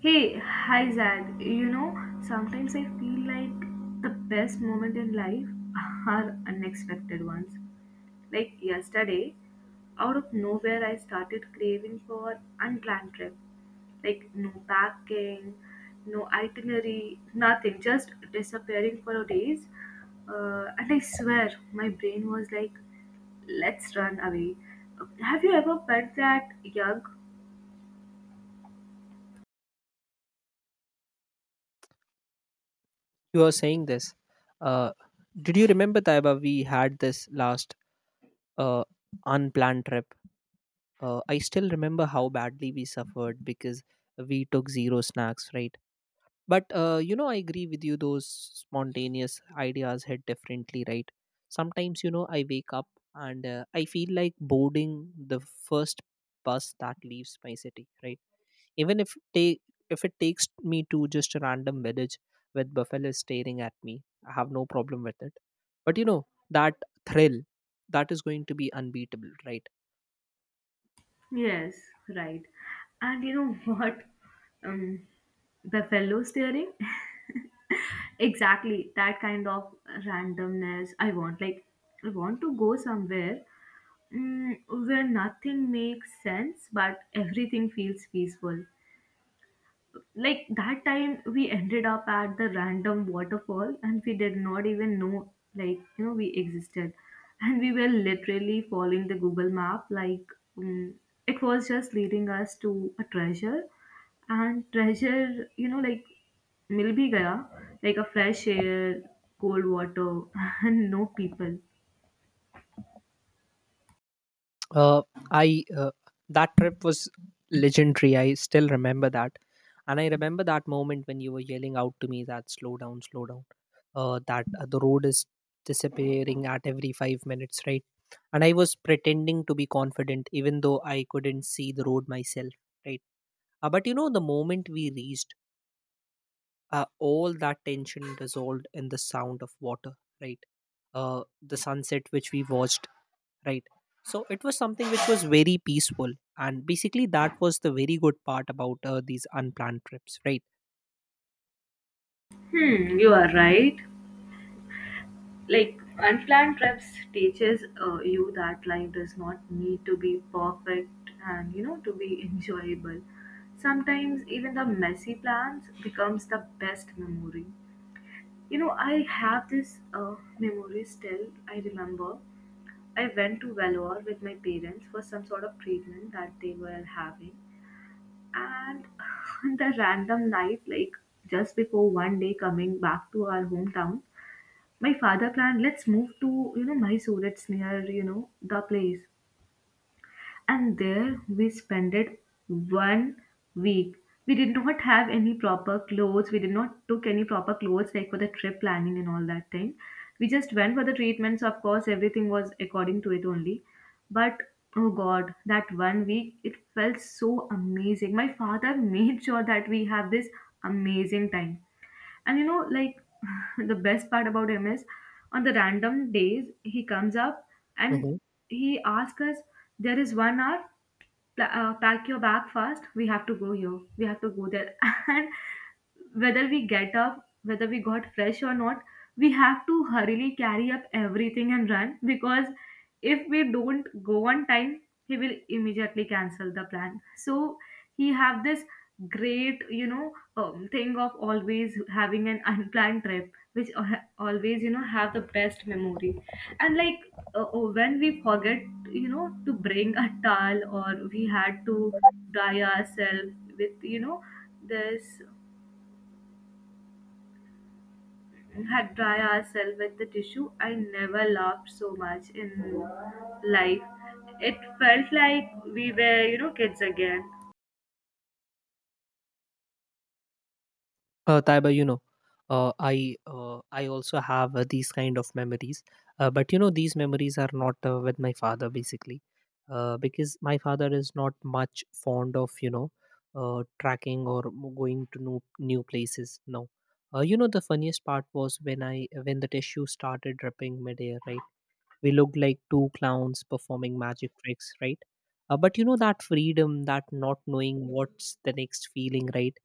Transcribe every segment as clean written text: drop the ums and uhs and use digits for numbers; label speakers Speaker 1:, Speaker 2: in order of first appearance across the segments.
Speaker 1: Hey, hi Zad. You know, sometimes I feel like the best moment in life are unexpected ones. Like yesterday, out of nowhere, I started craving for unplanned trip. Like no packing, no itinerary, nothing. Just disappearing for days. And I swear, my brain was like, "Let's run away." Have you ever felt that, Yug?
Speaker 2: You are saying this. uh, did you remember, Taiba, we had this last uh, unplanned trip? I still remember how badly we suffered because we took zero snacks, right? But you know, I agree with you, those spontaneous ideas hit differently, right? Sometimes, you know, I wake up and I feel like boarding the first bus that leaves my city, right? Even if it takes me to just a random village with buffalos staring at me, I have no problem with it. But you know, that thrill, that is going to be unbeatable, right?
Speaker 1: Yes, right. And you know what? Um, the fellow steering. Exactly that kind of randomness I want. Like I want to go somewhere where nothing makes sense, but everything feels peaceful, like that time we ended up at the random waterfall and we did not even know, like you know, we existed. And we were literally following the Google map, like um, it was just leading us to a treasure. And treasure, you know, like mil भी gaya, like a fresh air, cold water and no people.
Speaker 2: uh, I That trip was legendary. I still remember that. And I remember that moment when you were yelling out to me that slow down, that the road is disappearing at every 5 minutes, right? And I was pretending to be confident, even though I couldn't see the road myself, right? But you know, the moment we reached, all that tension dissolved in the sound of water, right? The sunset which we watched, right? So it was something which was very peaceful. And basically, that was the very good part about these unplanned trips, right?
Speaker 1: Hmm, you are right. Like unplanned trips teaches you that life does not need to be perfect and, you know, to be enjoyable. Sometimes even the messy plans becomes the best memory. You know, I have this memory, still I remember I went to Vellore with my parents for some sort of treatment that they were having. And the random night, like just before one day coming back to our hometown, my father planned, let's move to, you know, Mysore, it's near, you know, the place. And there we spent it one week. We did not have any proper clothes, we did not took any proper clothes like for the trip planning and all that thing. We just went for the treatments, of course everything was according to it only. But oh God, that one week it felt so amazing. My father made sure that we have this amazing time. And you know, like the best part about him is on the random days he comes up and
Speaker 2: Mhm.
Speaker 1: he asks us, "There is one hour. Pack your bag fast. We have to go here. We have to go there." And whether we get up, whether we got fresh or not, we have to hurriedly carry up everything and run because if we don't go on time, he will immediately cancel the plan. So he have this great, you know, thing of always having an unplanned trip, which always, you know, have the best memory. And like when we forget, you know, to bring a towel or we had to dry ourselves with, you know, this had dry ourselves with the tissue. I never laughed so much in life. It felt like we were, you know, kids again.
Speaker 2: Taiba, you know, I also have these kind of memories, but you know, these memories are not with my father basically, because my father is not much fond of, you know, tracking or going to new places. No, you know, the funniest part was when the tissue started dripping midair. Right, we looked like two clowns performing magic tricks. Right, but you know, that freedom, that not knowing what's the next feeling. Right,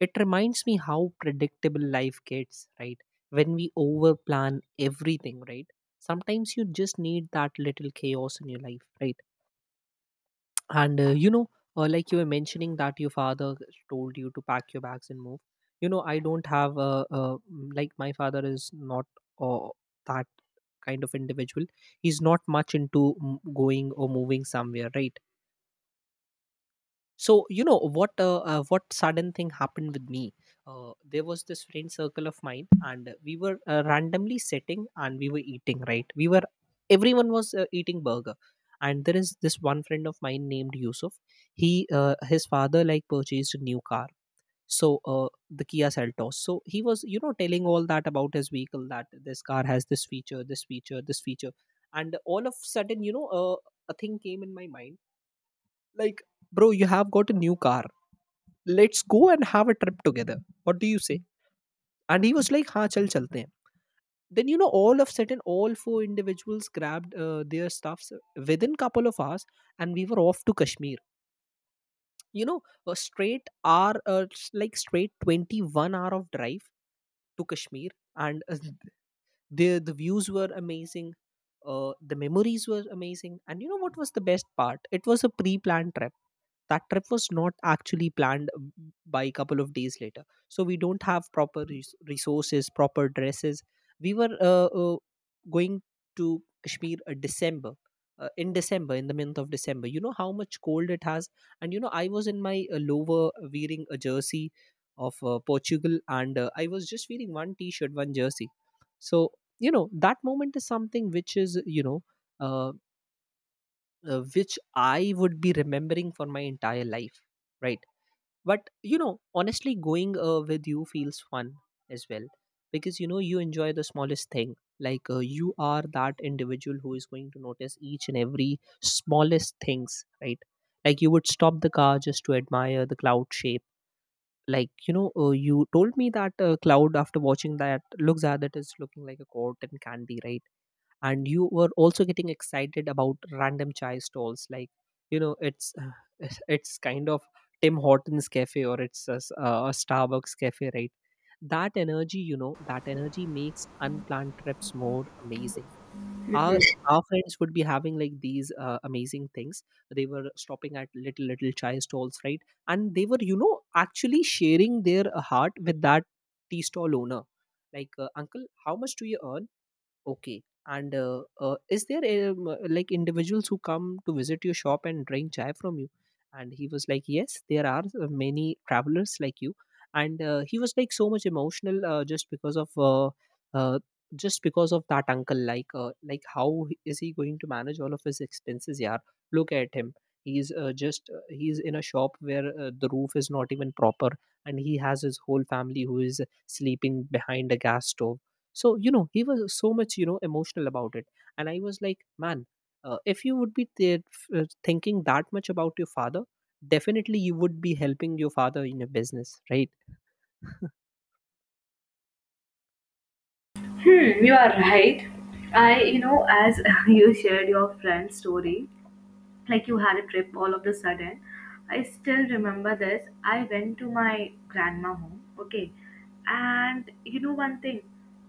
Speaker 2: it reminds me how predictable life gets, right? When we overplan everything, right? Sometimes you just need that little chaos in your life, right? And you know, like you were mentioning that your father told you to pack your bags and move. You know, I don't have like my father is not uh, that kind of individual. He's not much into going or moving somewhere, right? So you know what? What sudden thing happened with me? There was this friend circle of mine, and we were randomly sitting and we were eating. Right? We were Everyone was eating burger, and there is this one friend of mine named Yusuf. He His father like purchased a new car, so the Kia Seltos. So he was, you know, telling all that about his vehicle, that this car has this feature, this feature, this feature, and all of sudden, you know, a thing came in my mind, like, bro, you have got a new car, let's go and have a trip together. What do you say? And he was like, ha, chal chalte hain. Then, you know, all of a sudden, all four individuals grabbed their stuffs within couple of hours, and we were off to Kashmir. You know, a straight hour, like straight 21 hour of drive to Kashmir. And the views were amazing. The memories were amazing. And you know what was the best part? It was a pre-planned trip. That trip was not actually planned by a couple of days later, so we don't have proper resources, proper dresses. We were going to Kashmir december in december in the month of December. You know how much cold it has. And you know, I was in my lower, wearing a jersey of Portugal, and I was just wearing one t-shirt, one jersey. So you know, that moment is something which is, you know, uh, which I would be remembering for my entire life, right? But you know, honestly, going with you feels fun as well, because you know, you enjoy the smallest thing. Like, you are that individual who is going to notice each and every smallest things, right? Like, you would stop the car just to admire the cloud shape. Like, you know, you told me that cloud, after watching that, looks at it is looking like a cotton candy, right? And you were also getting excited about random chai stalls, like, you know, it's it's kind of Tim Hortons cafe, or it's a Starbucks cafe, right? That energy, you know, that energy makes unplanned trips more amazing. Our our friends would be having like these amazing things. They were stopping at little little chai stalls, right? And they were, you know, actually sharing their heart with that tea stall owner. Like, uncle, how much do you earn? Okay. And is there like, individuals who come to visit your shop and drink chai from you? And he was like, yes, there are many travelers like you. And he was like so much emotional uh, just because of that uncle. Like, like, is he going to manage all of his expenses? Yeah, look at him. He's in a shop where the roof is not even proper, and he has his whole family who is sleeping behind a gas stove. So, you know, he was so much, you know, emotional about it. And I was like, man, if you would be there thinking that much about your father, definitely you would be helping your father in a business, right?
Speaker 1: Hmm, you are right. I, you know, as you shared your friend's story, like you had a trip all of a sudden. I still remember this. I went to my grandma home, okay, and you know one thing,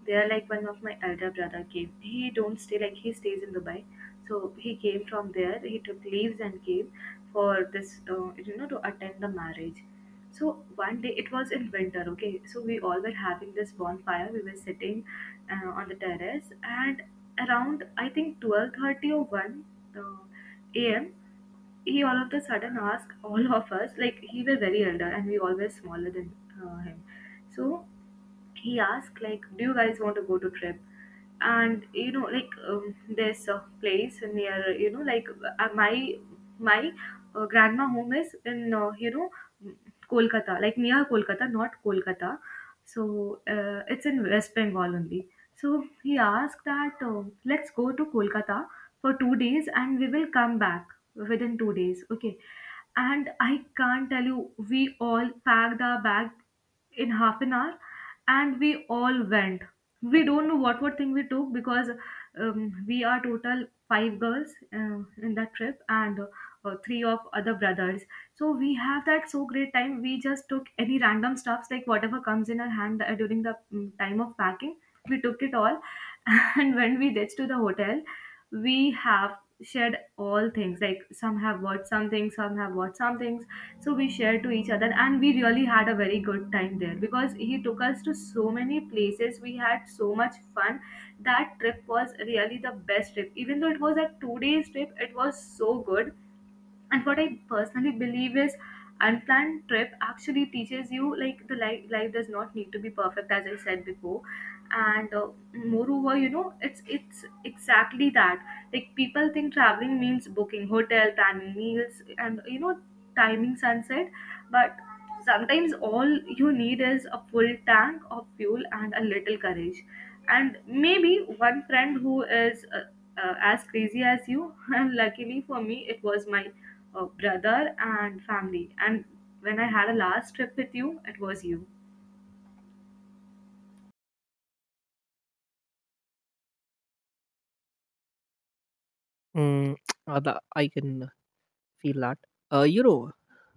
Speaker 1: there like one of my elder brother came. He don't stay, like he stays in Dubai, so he came from there. He took leaves and came for this, you know, to attend the marriage. So one day it was in winter, okay. So we all were having this bonfire. We were sitting on the terrace, and around I think 12:30 or 1 a.m. he all of a sudden asked all of us, like he was very elder and we always smaller than him. So he asked, like, do you guys want to go to trip? And you know, like there's a place near, you know, like my my grandma home is in you know Kolkata, like near Kolkata, not Kolkata. So it's in West Bengal only. So he asked that let's go to Kolkata for 2 days and we will come back within 2 days. Okay. And I can't tell you, we all packed our bag in half an hour and we all went. We don't know what thing we took because we are total five girls in that trip, and three of other brothers. So we have that so great time, we just took any random stuffs like whatever comes in our hand during the time of packing. We took it all and when we reached to the hotel, we have shared all things, like some have bought some things, some have bought some things. So we shared to each other and we really had a very good time there because he took us to so many places, we had so much fun. That trip was really the best trip, even though it was a 2 days trip, it was so good. And what I personally believe is unplanned trip actually teaches you, like the life does not need to be perfect, as I said before. And moreover, you know, it's exactly that. Like people think traveling means booking hotel, planning meals, and you know, timing sunset. But sometimes all you need is a full tank of fuel and a little courage, and maybe one friend who is as crazy as you and luckily for me it was my brother and family. And when I had a last trip with you, it was you.
Speaker 2: Mm, I can feel that. You know,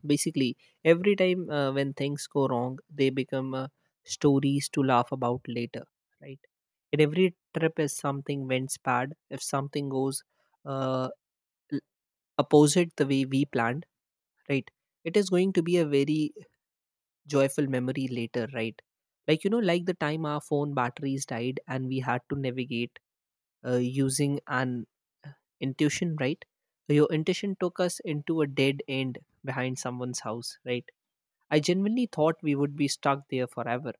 Speaker 2: basically, every time when things go wrong, they become stories to laugh about later, right? And every trip is something went bad. If something goes uh, l- opposite the way we planned, right, it is going to be a very joyful memory later, right? Like, you know, like the time our phone batteries died and we had to navigate using an uh, intuition, right? Your intuition took us into a dead end behind someone's house, right? I genuinely thought we would be stuck there forever.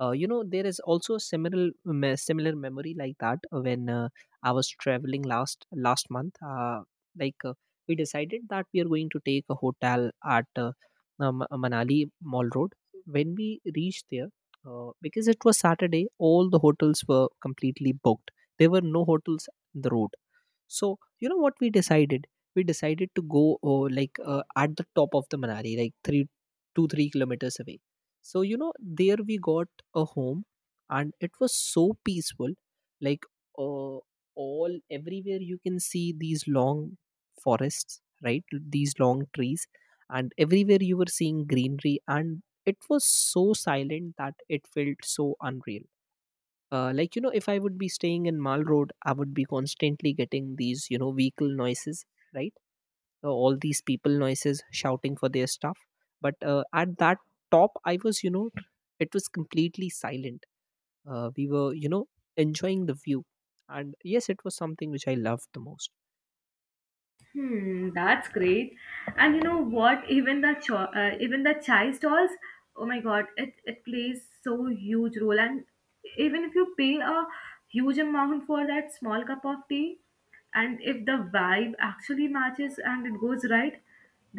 Speaker 2: You know, there is also a similar similar memory like that when I was traveling last last month. Like uh, we decided that we are going to take a hotel at Manali Mall Road. When we reached there, because it was Saturday, all the hotels were completely booked. There were no hotels on the road. So you know what we decided? We decided to go like at the top of the Manali, like three two three kilometers away. So you know, there we got a home and it was so peaceful. Like, uh, all everywhere you can see these long forests, right. These long trees, and everywhere you were seeing greenery, and it was so silent that it felt so unreal. Like, you know, if I would be staying in Mal Road, I would be constantly getting these, you know, vehicle noises, right. All these people noises shouting for their stuff. But at that top, I was, you know, it was completely silent. We were, you know, enjoying the view, and yes, it was something which I loved the most.
Speaker 1: Hmm, that's great. And you know what? Even the chai stalls, oh my God, it plays so huge role. And even if you pay a huge amount for that small cup of tea, and if the vibe actually matches and it goes right,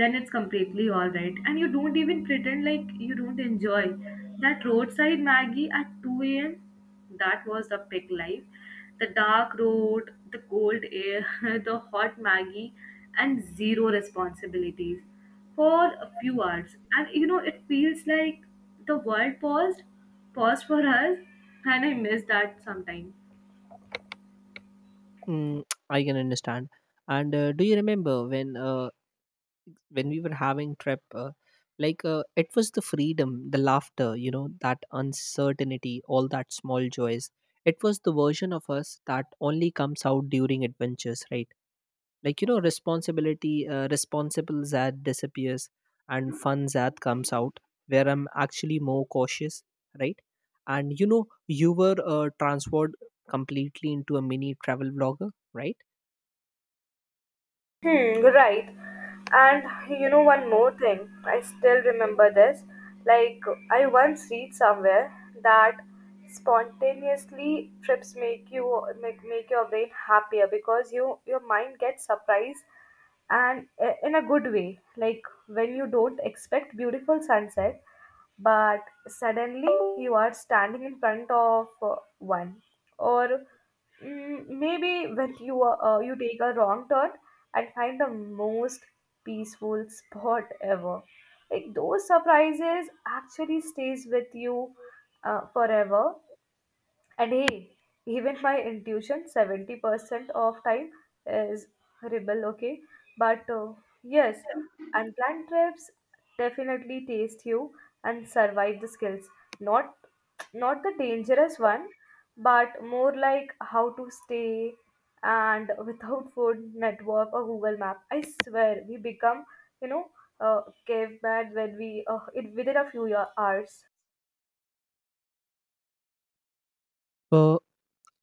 Speaker 1: then it's completely all right. And you don't even pretend like you don't enjoy that roadside Maggie at 2 a.m. That was the pig life. The dark road, the cold air, the hot Maggie, and zero responsibilities for a few hours. And you know, it feels like the world paused for us, and I miss that sometimes.
Speaker 2: Mm, I can understand. And do you remember when we were having trip like, it was the freedom, the laughter, you know, that uncertainty, all that small joys. It was the version of us that only comes out during adventures, right? Like, you know, responsibility responsible zad disappears, and fun zad comes out, where I'm actually more cautious, right. And you know, you were transferred completely into a mini travel vlogger, right.
Speaker 1: Hmm, right. And you know one more thing, I still remember this. Like I once read somewhere that spontaneously trips make your brain happier because your mind gets surprised, and in a good way. Like when you don't expect beautiful sunset but suddenly you are standing in front of one, or maybe when you take a wrong turn and find the most peaceful spot ever. Like those surprises actually stays with you forever. And hey, even my intuition 70% of time is horrible, okay? But yes, unplanned trips definitely taste you and survive the skills. Not not the dangerous one, but more like how to stay and without food, network or Google Map. I swear we become, you know, caveman when we in within a few year, hours.
Speaker 2: uh,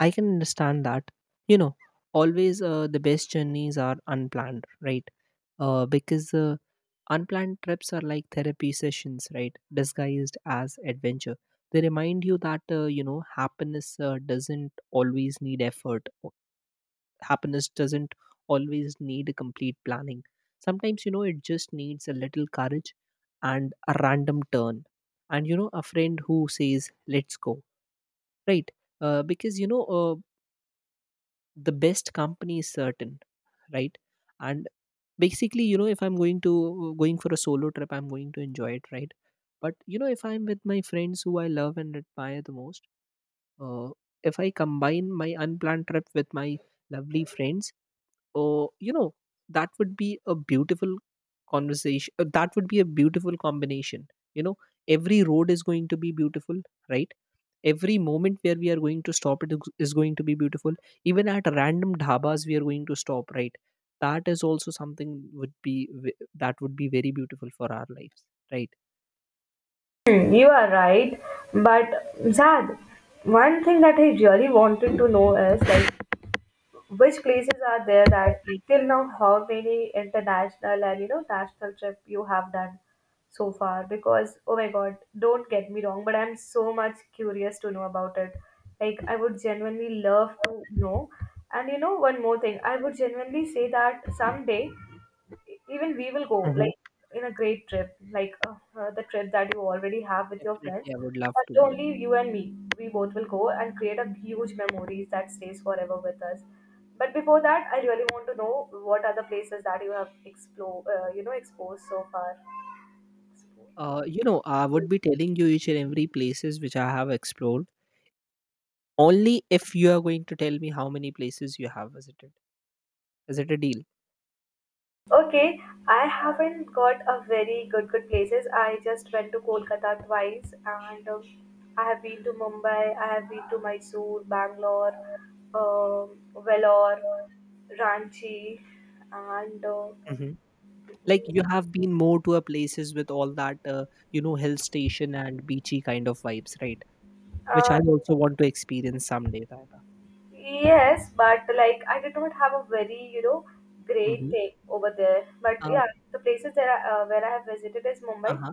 Speaker 2: I can understand that. You know, always, the best journeys are unplanned, right. Because Unplanned trips are like therapy sessions, right? Disguised as adventure. They remind you that, you know, happiness doesn't always need effort. Happiness doesn't always need a complete planning. Sometimes, you know, it just needs a little courage and a random turn. And, you know, a friend who says, let's go, right? Because, you know, the best company is certain, right? And basically, you know, if I'm going to going for a solo trip, I'm going to enjoy it, right? But you know, if I'm with my friends who I love and admire the most, uh, if I combine my unplanned trip with my lovely friends, or you know, that would be a beautiful conversation. That would be a beautiful combination. You know, every road is going to be beautiful, right? Every moment where we are going to stop, it is going to be beautiful. Even at random dhabas we are going to stop, right? That is also something would be ve- that would be very beautiful for our lives, right?
Speaker 1: Hmm, you are right, but Zad, one thing that I really wanted to know is like which places are there that, like, till now how many international and, you know, national trip you have done so far? Because oh my God, don't get me wrong, but I'm so much curious to know about it. Like I would genuinely love to know. And you know one more thing, I would genuinely say that someday even we will go
Speaker 2: Mhm.
Speaker 1: like in a great trip like the trip that you already have with your friends,
Speaker 2: Definitely, I would love to.
Speaker 1: but only you and me. We both will go and create a huge memories that stays forever with us. But before that, I really want to know what are the places that you have explore, you know, exposed so far.
Speaker 2: You know, I would be telling you each and every places which I have explored, only if you are going to tell me how many places you have visited. Is it a deal?
Speaker 1: Okay, I haven't got a very good places. I just went to Kolkata twice, and I have been to Mumbai. I have been to Mysore, Bangalore, um, Vellore, Ranchi, and
Speaker 2: Hmm. Like,
Speaker 1: mm,
Speaker 2: you have been more to a places with all that you know, hill station and beachy kind of vibes, right? Which
Speaker 1: uh,
Speaker 2: I also want to experience someday, Taiba.
Speaker 1: yes, but like I did not have a very, you know, great
Speaker 2: Hmm.
Speaker 1: take over there. But
Speaker 2: uh,
Speaker 1: yeah, the places that I, where I have visited is Mumbai.
Speaker 2: uh-huh.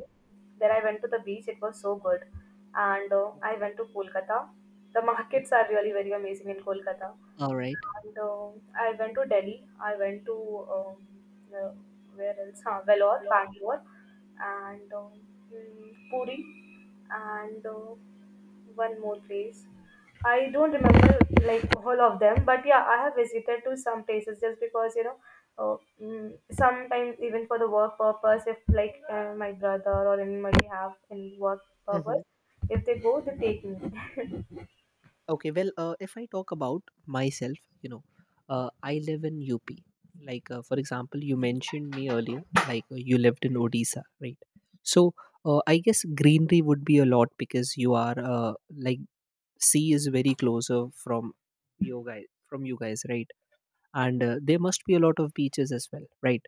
Speaker 1: Then I went to the beach, it was so good. And I
Speaker 2: Okay.
Speaker 1: went to Kolkata. The
Speaker 2: Okay,
Speaker 1: markets are really very amazing in Kolkata.
Speaker 2: all right.
Speaker 1: And I went to Delhi. I went to um, uh, where else? Huh, Vellore, Bangalore, and Puri, and one more place. I don't remember like all of them, but yeah, I have visited to some places just because you know. Uh, Sometimes even for the work purpose, if like my brother or anybody have any work purpose, if they go, they take me.
Speaker 2: Okay, well, if I talk about myself, you know, I live in UP. Like, for example, you mentioned me earlier, like you lived in Odisha, right? So, I guess greenery would be a lot because you are like sea is very closer from you guys, right? And there must be a lot of beaches as well, right?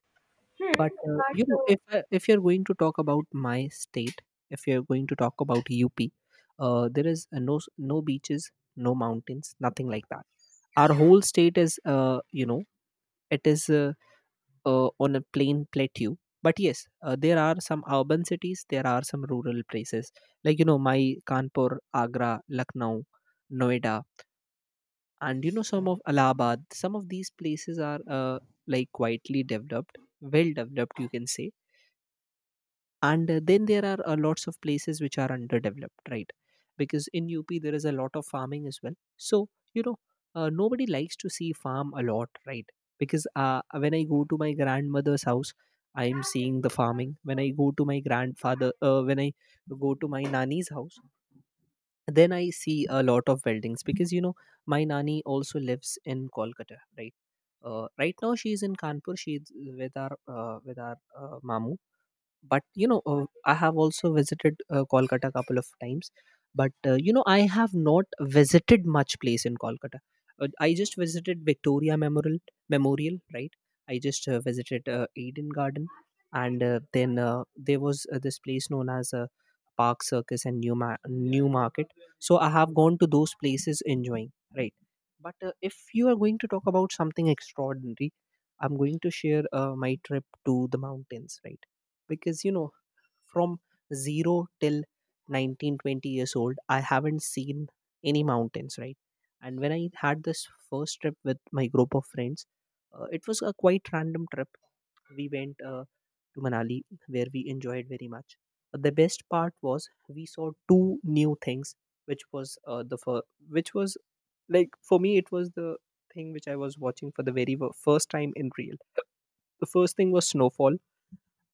Speaker 2: But you
Speaker 1: But
Speaker 2: know, if if you're going to talk about my state, if you're going to talk about UP, there is no beaches, no mountains, nothing like that. Our whole state is you know, it is on a plain plateau. But yes, there are some urban cities, there are some rural places, like you know, my Kanpur, Agra, Lucknow, Noida, and you know, some of Allahabad, some of these places are like quietly developed, well developed you can say. And then there are lots of places which are underdeveloped, right? Because in UP there is a lot of farming as well, so you know, nobody likes to see farm a lot, right? Because when I go to my grandmother's house, I am seeing the farming. When I go to my grandfather when I go to my nani's house, then I see a lot of weldings. Because you know, my nani also lives in Kolkata, right? Right now she is in Kanpur. She is with our mamu. But you know, I have also visited Kolkata a couple of times. But you know, I have not visited much place in Kolkata. I just visited Victoria Memorial, right? I just visited Eden Garden, and then there was this place known as Park Circus and New Market. So I have gone to those places enjoying, right? But if you are going to talk about something extraordinary, I'm going to share my trip to the mountains, right? Because you know, from 0 till 19 20 years old, I haven't seen any mountains, right? And when I had this first trip with my group of friends, it was a quite random trip. We went to Manali, where we enjoyed very much. But the best part was we saw two new things, which was which was like, for me, it was the thing which I was watching for the very first time in real. The first thing was snowfall,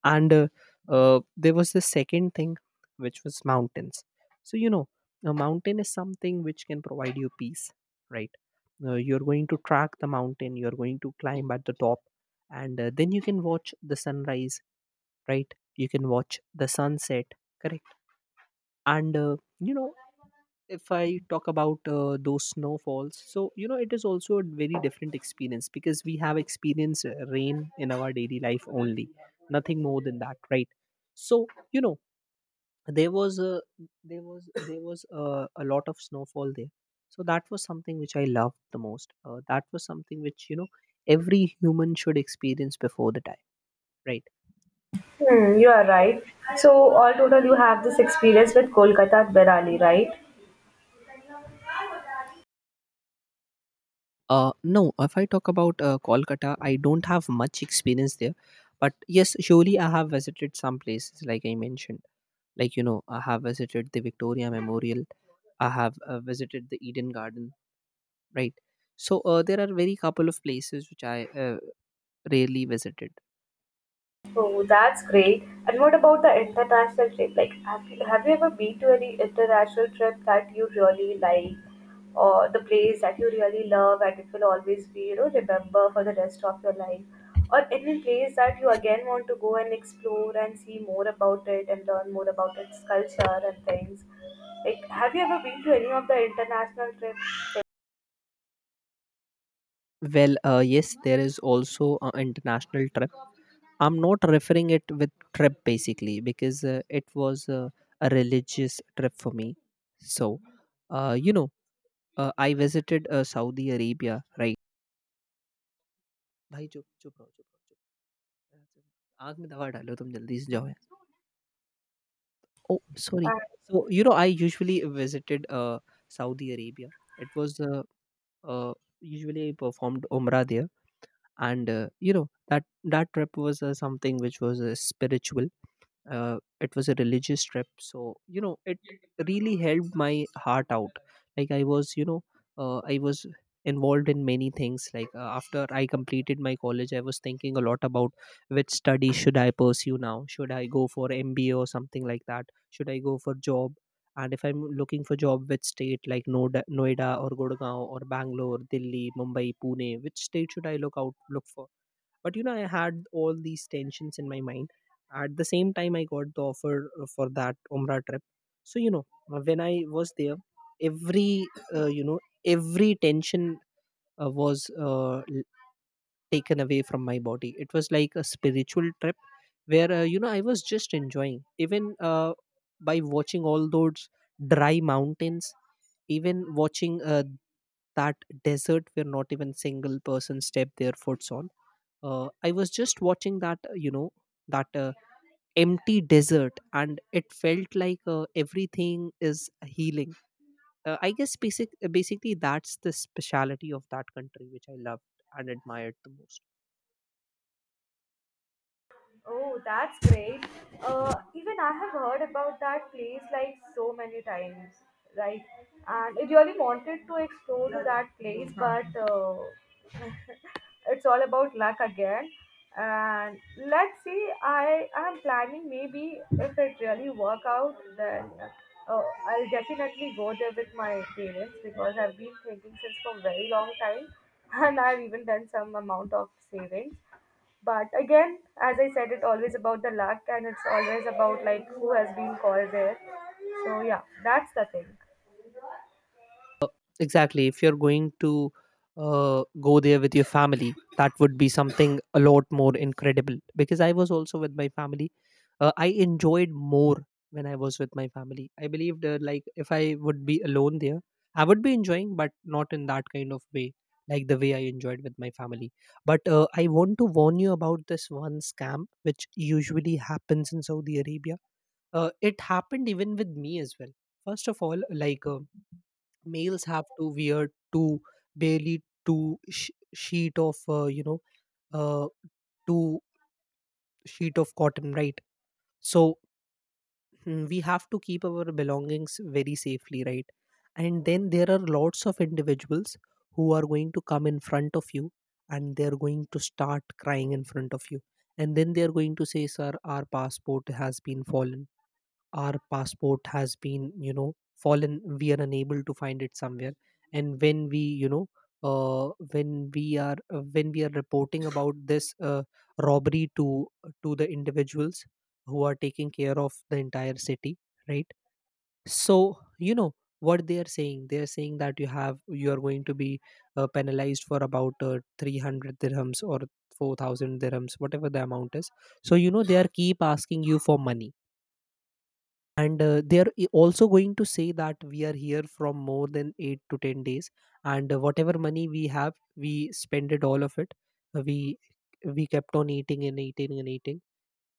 Speaker 2: and there was the second thing, which was mountains. So you know, a mountain is something which can provide you peace, right? You're going to track the mountain, you're going to climb at the top, and then you can watch the sunrise, right? You can watch the sunset, correct? And you know, if I talk about those snowfalls, so you know, it is also a very different experience, because we have experienced rain in our daily life only, nothing more than that, right? So you know, there was a there was a lot of snowfall there, so that was something which I loved the most. That was something which, you know, every human should experience before the time, right?
Speaker 1: Hmm, you are right. So, all total, you have this experience with Kolkata and Manali, right?
Speaker 2: No, if I talk about Kolkata, I don't have much experience there. But yes, surely I have visited some places, like I mentioned. Like, you know, I have visited the Victoria Memorial, I have visited the Eden Garden, right? So there are very couple of places which I rarely visited.
Speaker 1: Oh, that's great. And what about the international trip? Like, have you ever been to any international trip that you really like, or the place that you really love, and it will always be, you know, remember for the rest of your life, or any place that you again want to go and explore and see more about it and learn more about its culture and things? Like, have you ever been to any of the international trips?
Speaker 2: Well, yes, there is also an international trip. I'm not referring it with trip basically, because it was a religious trip for me. So, you know, uh, I visited Saudi Arabia, right? भाई चुप रहो चुप रहो चुप रहो। आग में दवा डालो तुम जल्दी से जाओ यार। Oh sorry. So you know I usually visited Saudi Arabia it was usually I performed umrah there. And you know that, that trip was something which was spiritual. It was a religious trip, so you know, it really helped my heart out. Like I was, you know, I was involved in many things. Like after I completed my college, I was thinking a lot about which study should I pursue now, should I go for MBA or something like that, should I go for job. And if I'm looking for job, which state, like Noida or Gurgaon or Bangalore, Delhi, Mumbai, Pune, which state should I look for? But you know, I had all these tensions in my mind. At the same time, I got the offer for that Umrah trip. So you know, when I was there, every you know, every tension was taken away from my body. It was like a spiritual trip where, you know, I was just enjoying, even by watching all those dry mountains, even watching that desert where not even single person stepped their foots on. I was just watching that, you know, that empty desert, and it felt like everything is healing. I guess basically that's the speciality of that country which I loved and admired the most.
Speaker 1: Oh, that's great. Even I have heard about that place like so many times, right? And I really wanted to explore to that place, but it's all about luck again. And let's see, I am planning maybe if it really work out, then uh, I'll definitely go there with my parents because I've been thinking since for very long time, and I've even done some amount of savings. But again, as I said, it's always about the luck and it's always about like who has been called there. So yeah, that's the thing.
Speaker 2: Exactly. If you're going to go there with your family, that would be something a lot more incredible, because I was also with my family. I enjoyed more when I was with my family. I believed, like if I would be alone there, I would be enjoying, but not in that kind of way, like the way I enjoyed with my family. But I want to warn you about this one scam which usually happens in Saudi Arabia. It happened even with me as well. First of all, like. Males have to wear 2 barely two sheet of you know, uh, two sheet of cotton, right? So, mm, we have to keep our belongings very safely, right? And then there are lots of individuals who are going to come in front of you, and they're going to start crying in front of you, and then they're going to say, sir, our passport has been fallen, our passport has been, you know, fallen, we are unable to find it somewhere. And when we, you know, when we are reporting about this robbery to the individuals who are taking care of the entire city, right? So you know, what they are saying, they are saying that you have, you are going to be penalized for about 300 dirhams or 4,000 dirhams, whatever the amount is. So you know, they are keep asking you for money. And uh, they are also going to say that we are here from more than 8 to 10 days, and whatever money we have we spent it all of it. Uh, we we kept on eating and eating and eating,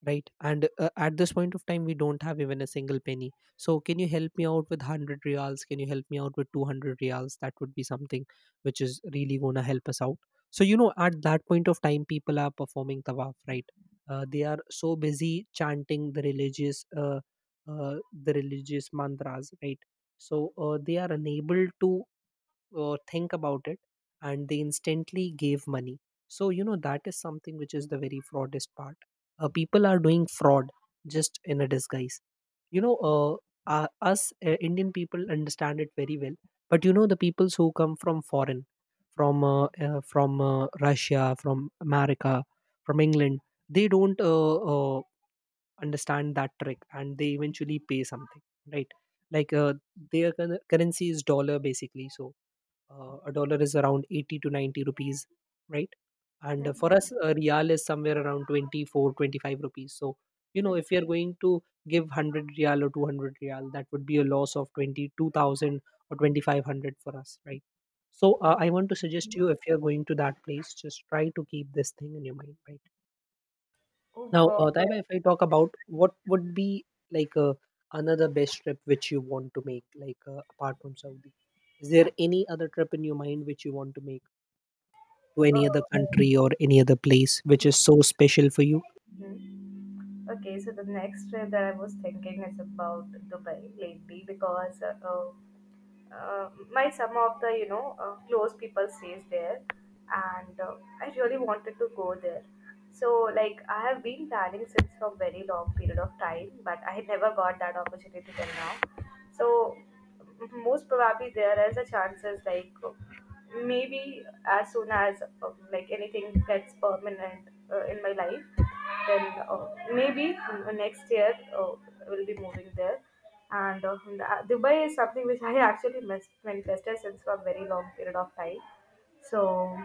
Speaker 2: right? And at this point of time we don't have even a single penny. So can you help me out with 100 reals, can you help me out with 200 reals? That would be something which is really going to help us out. So you know, at that point of time people are performing tawaf, right? They are so busy chanting the religious uh, the religious mantras, right? So they are unable to think about it, and they instantly gave money. So, you know, that is something which is the very fraudist part. People are doing fraud just in a disguise. You know, us Indian people understand it very well, but you know, the peoples who come from foreign, from Russia, from America, from England, they don't understand that trick, and they eventually pay something, right? Like their currency is dollar basically. So a dollar is around 80 to 90 rupees, right? And for
Speaker 1: Mhm.
Speaker 2: us a real is somewhere around 24, 25 rupees. So you know, if we are going to give 100 real or 200 real, that would be a loss of 22,000 or 2500 for us, right? So I want to suggest
Speaker 1: Mhm.
Speaker 2: you, if you are going to that place, just try to keep this thing in your mind, right?
Speaker 1: Oh
Speaker 2: Now,
Speaker 1: God.
Speaker 2: Taiba, if I talk about what would be like another best trip which you want to make, like apart from Saudi, is there any other trip in your mind which you want to make to
Speaker 1: Uh,
Speaker 2: any other country or any other place which is so special for you?
Speaker 1: mhm. Okay, so the next trip that I was thinking is about Dubai lately because my some of the, you know, close people stays there. And I really wanted to go there. So like I have been planning since for very long period of time, but I had never got that opportunity till now. So most probably there is a chances, like maybe as soon as like anything gets permanent in my life, then maybe next year we'll be moving there. And Dubai is something which I actually manifested since for a very long period of time. So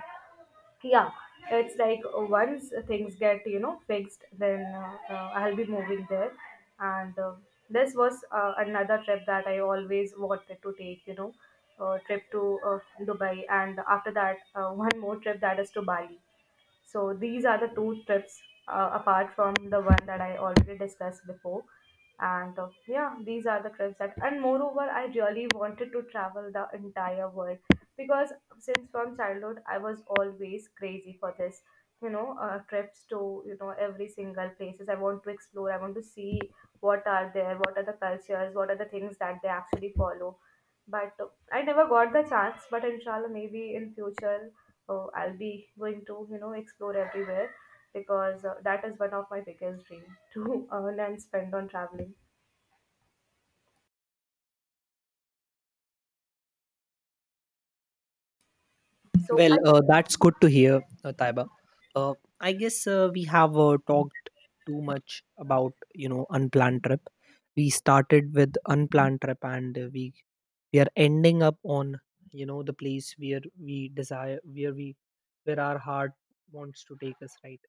Speaker 1: yeah, it's like once things get, you know, fixed, then I'll be moving there. And this was another trip that I always wanted to take. You know, trip to Dubai, and after that, one more trip that is to Bali. So these are the two trips apart from the one that I already discussed before. And yeah, these are the trips that, and moreover, I really wanted to travel the entire world because since from childhood, I was always crazy for this, you know, trips to, you know, every single places. I want to explore, I want to see what are there, what are the cultures, what are the things that they actually follow, but I never got the chance. But inshallah, maybe in future, I'll be going to, you know, explore everywhere because that is one of my biggest dream to earn and spend on traveling. So
Speaker 2: Well,
Speaker 1: I
Speaker 2: that's good to hear, Taiba. Uh, I guess we have talked too much about, you know, unplanned trip. We started with unplanned trip, and we are ending up on, you know, the place where we desire, where we where our heart wants to take us, right?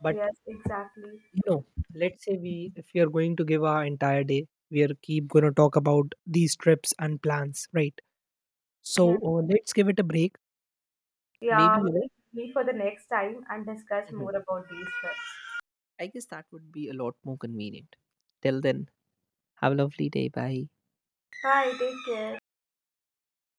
Speaker 2: But
Speaker 1: yes, exactly.
Speaker 2: you know, let's say we, if we are going to give our entire day, we are keep going to talk about these trips and plans, right? So
Speaker 1: Mhm.
Speaker 2: let's give it a break.
Speaker 1: Yeah,
Speaker 2: Maybe
Speaker 1: we'll
Speaker 2: you
Speaker 1: meet for the next time and discuss more
Speaker 2: know.
Speaker 1: about these trips.
Speaker 2: I guess that would be a lot more convenient. Till then, have a lovely day. Bye.
Speaker 1: Bye. Take care.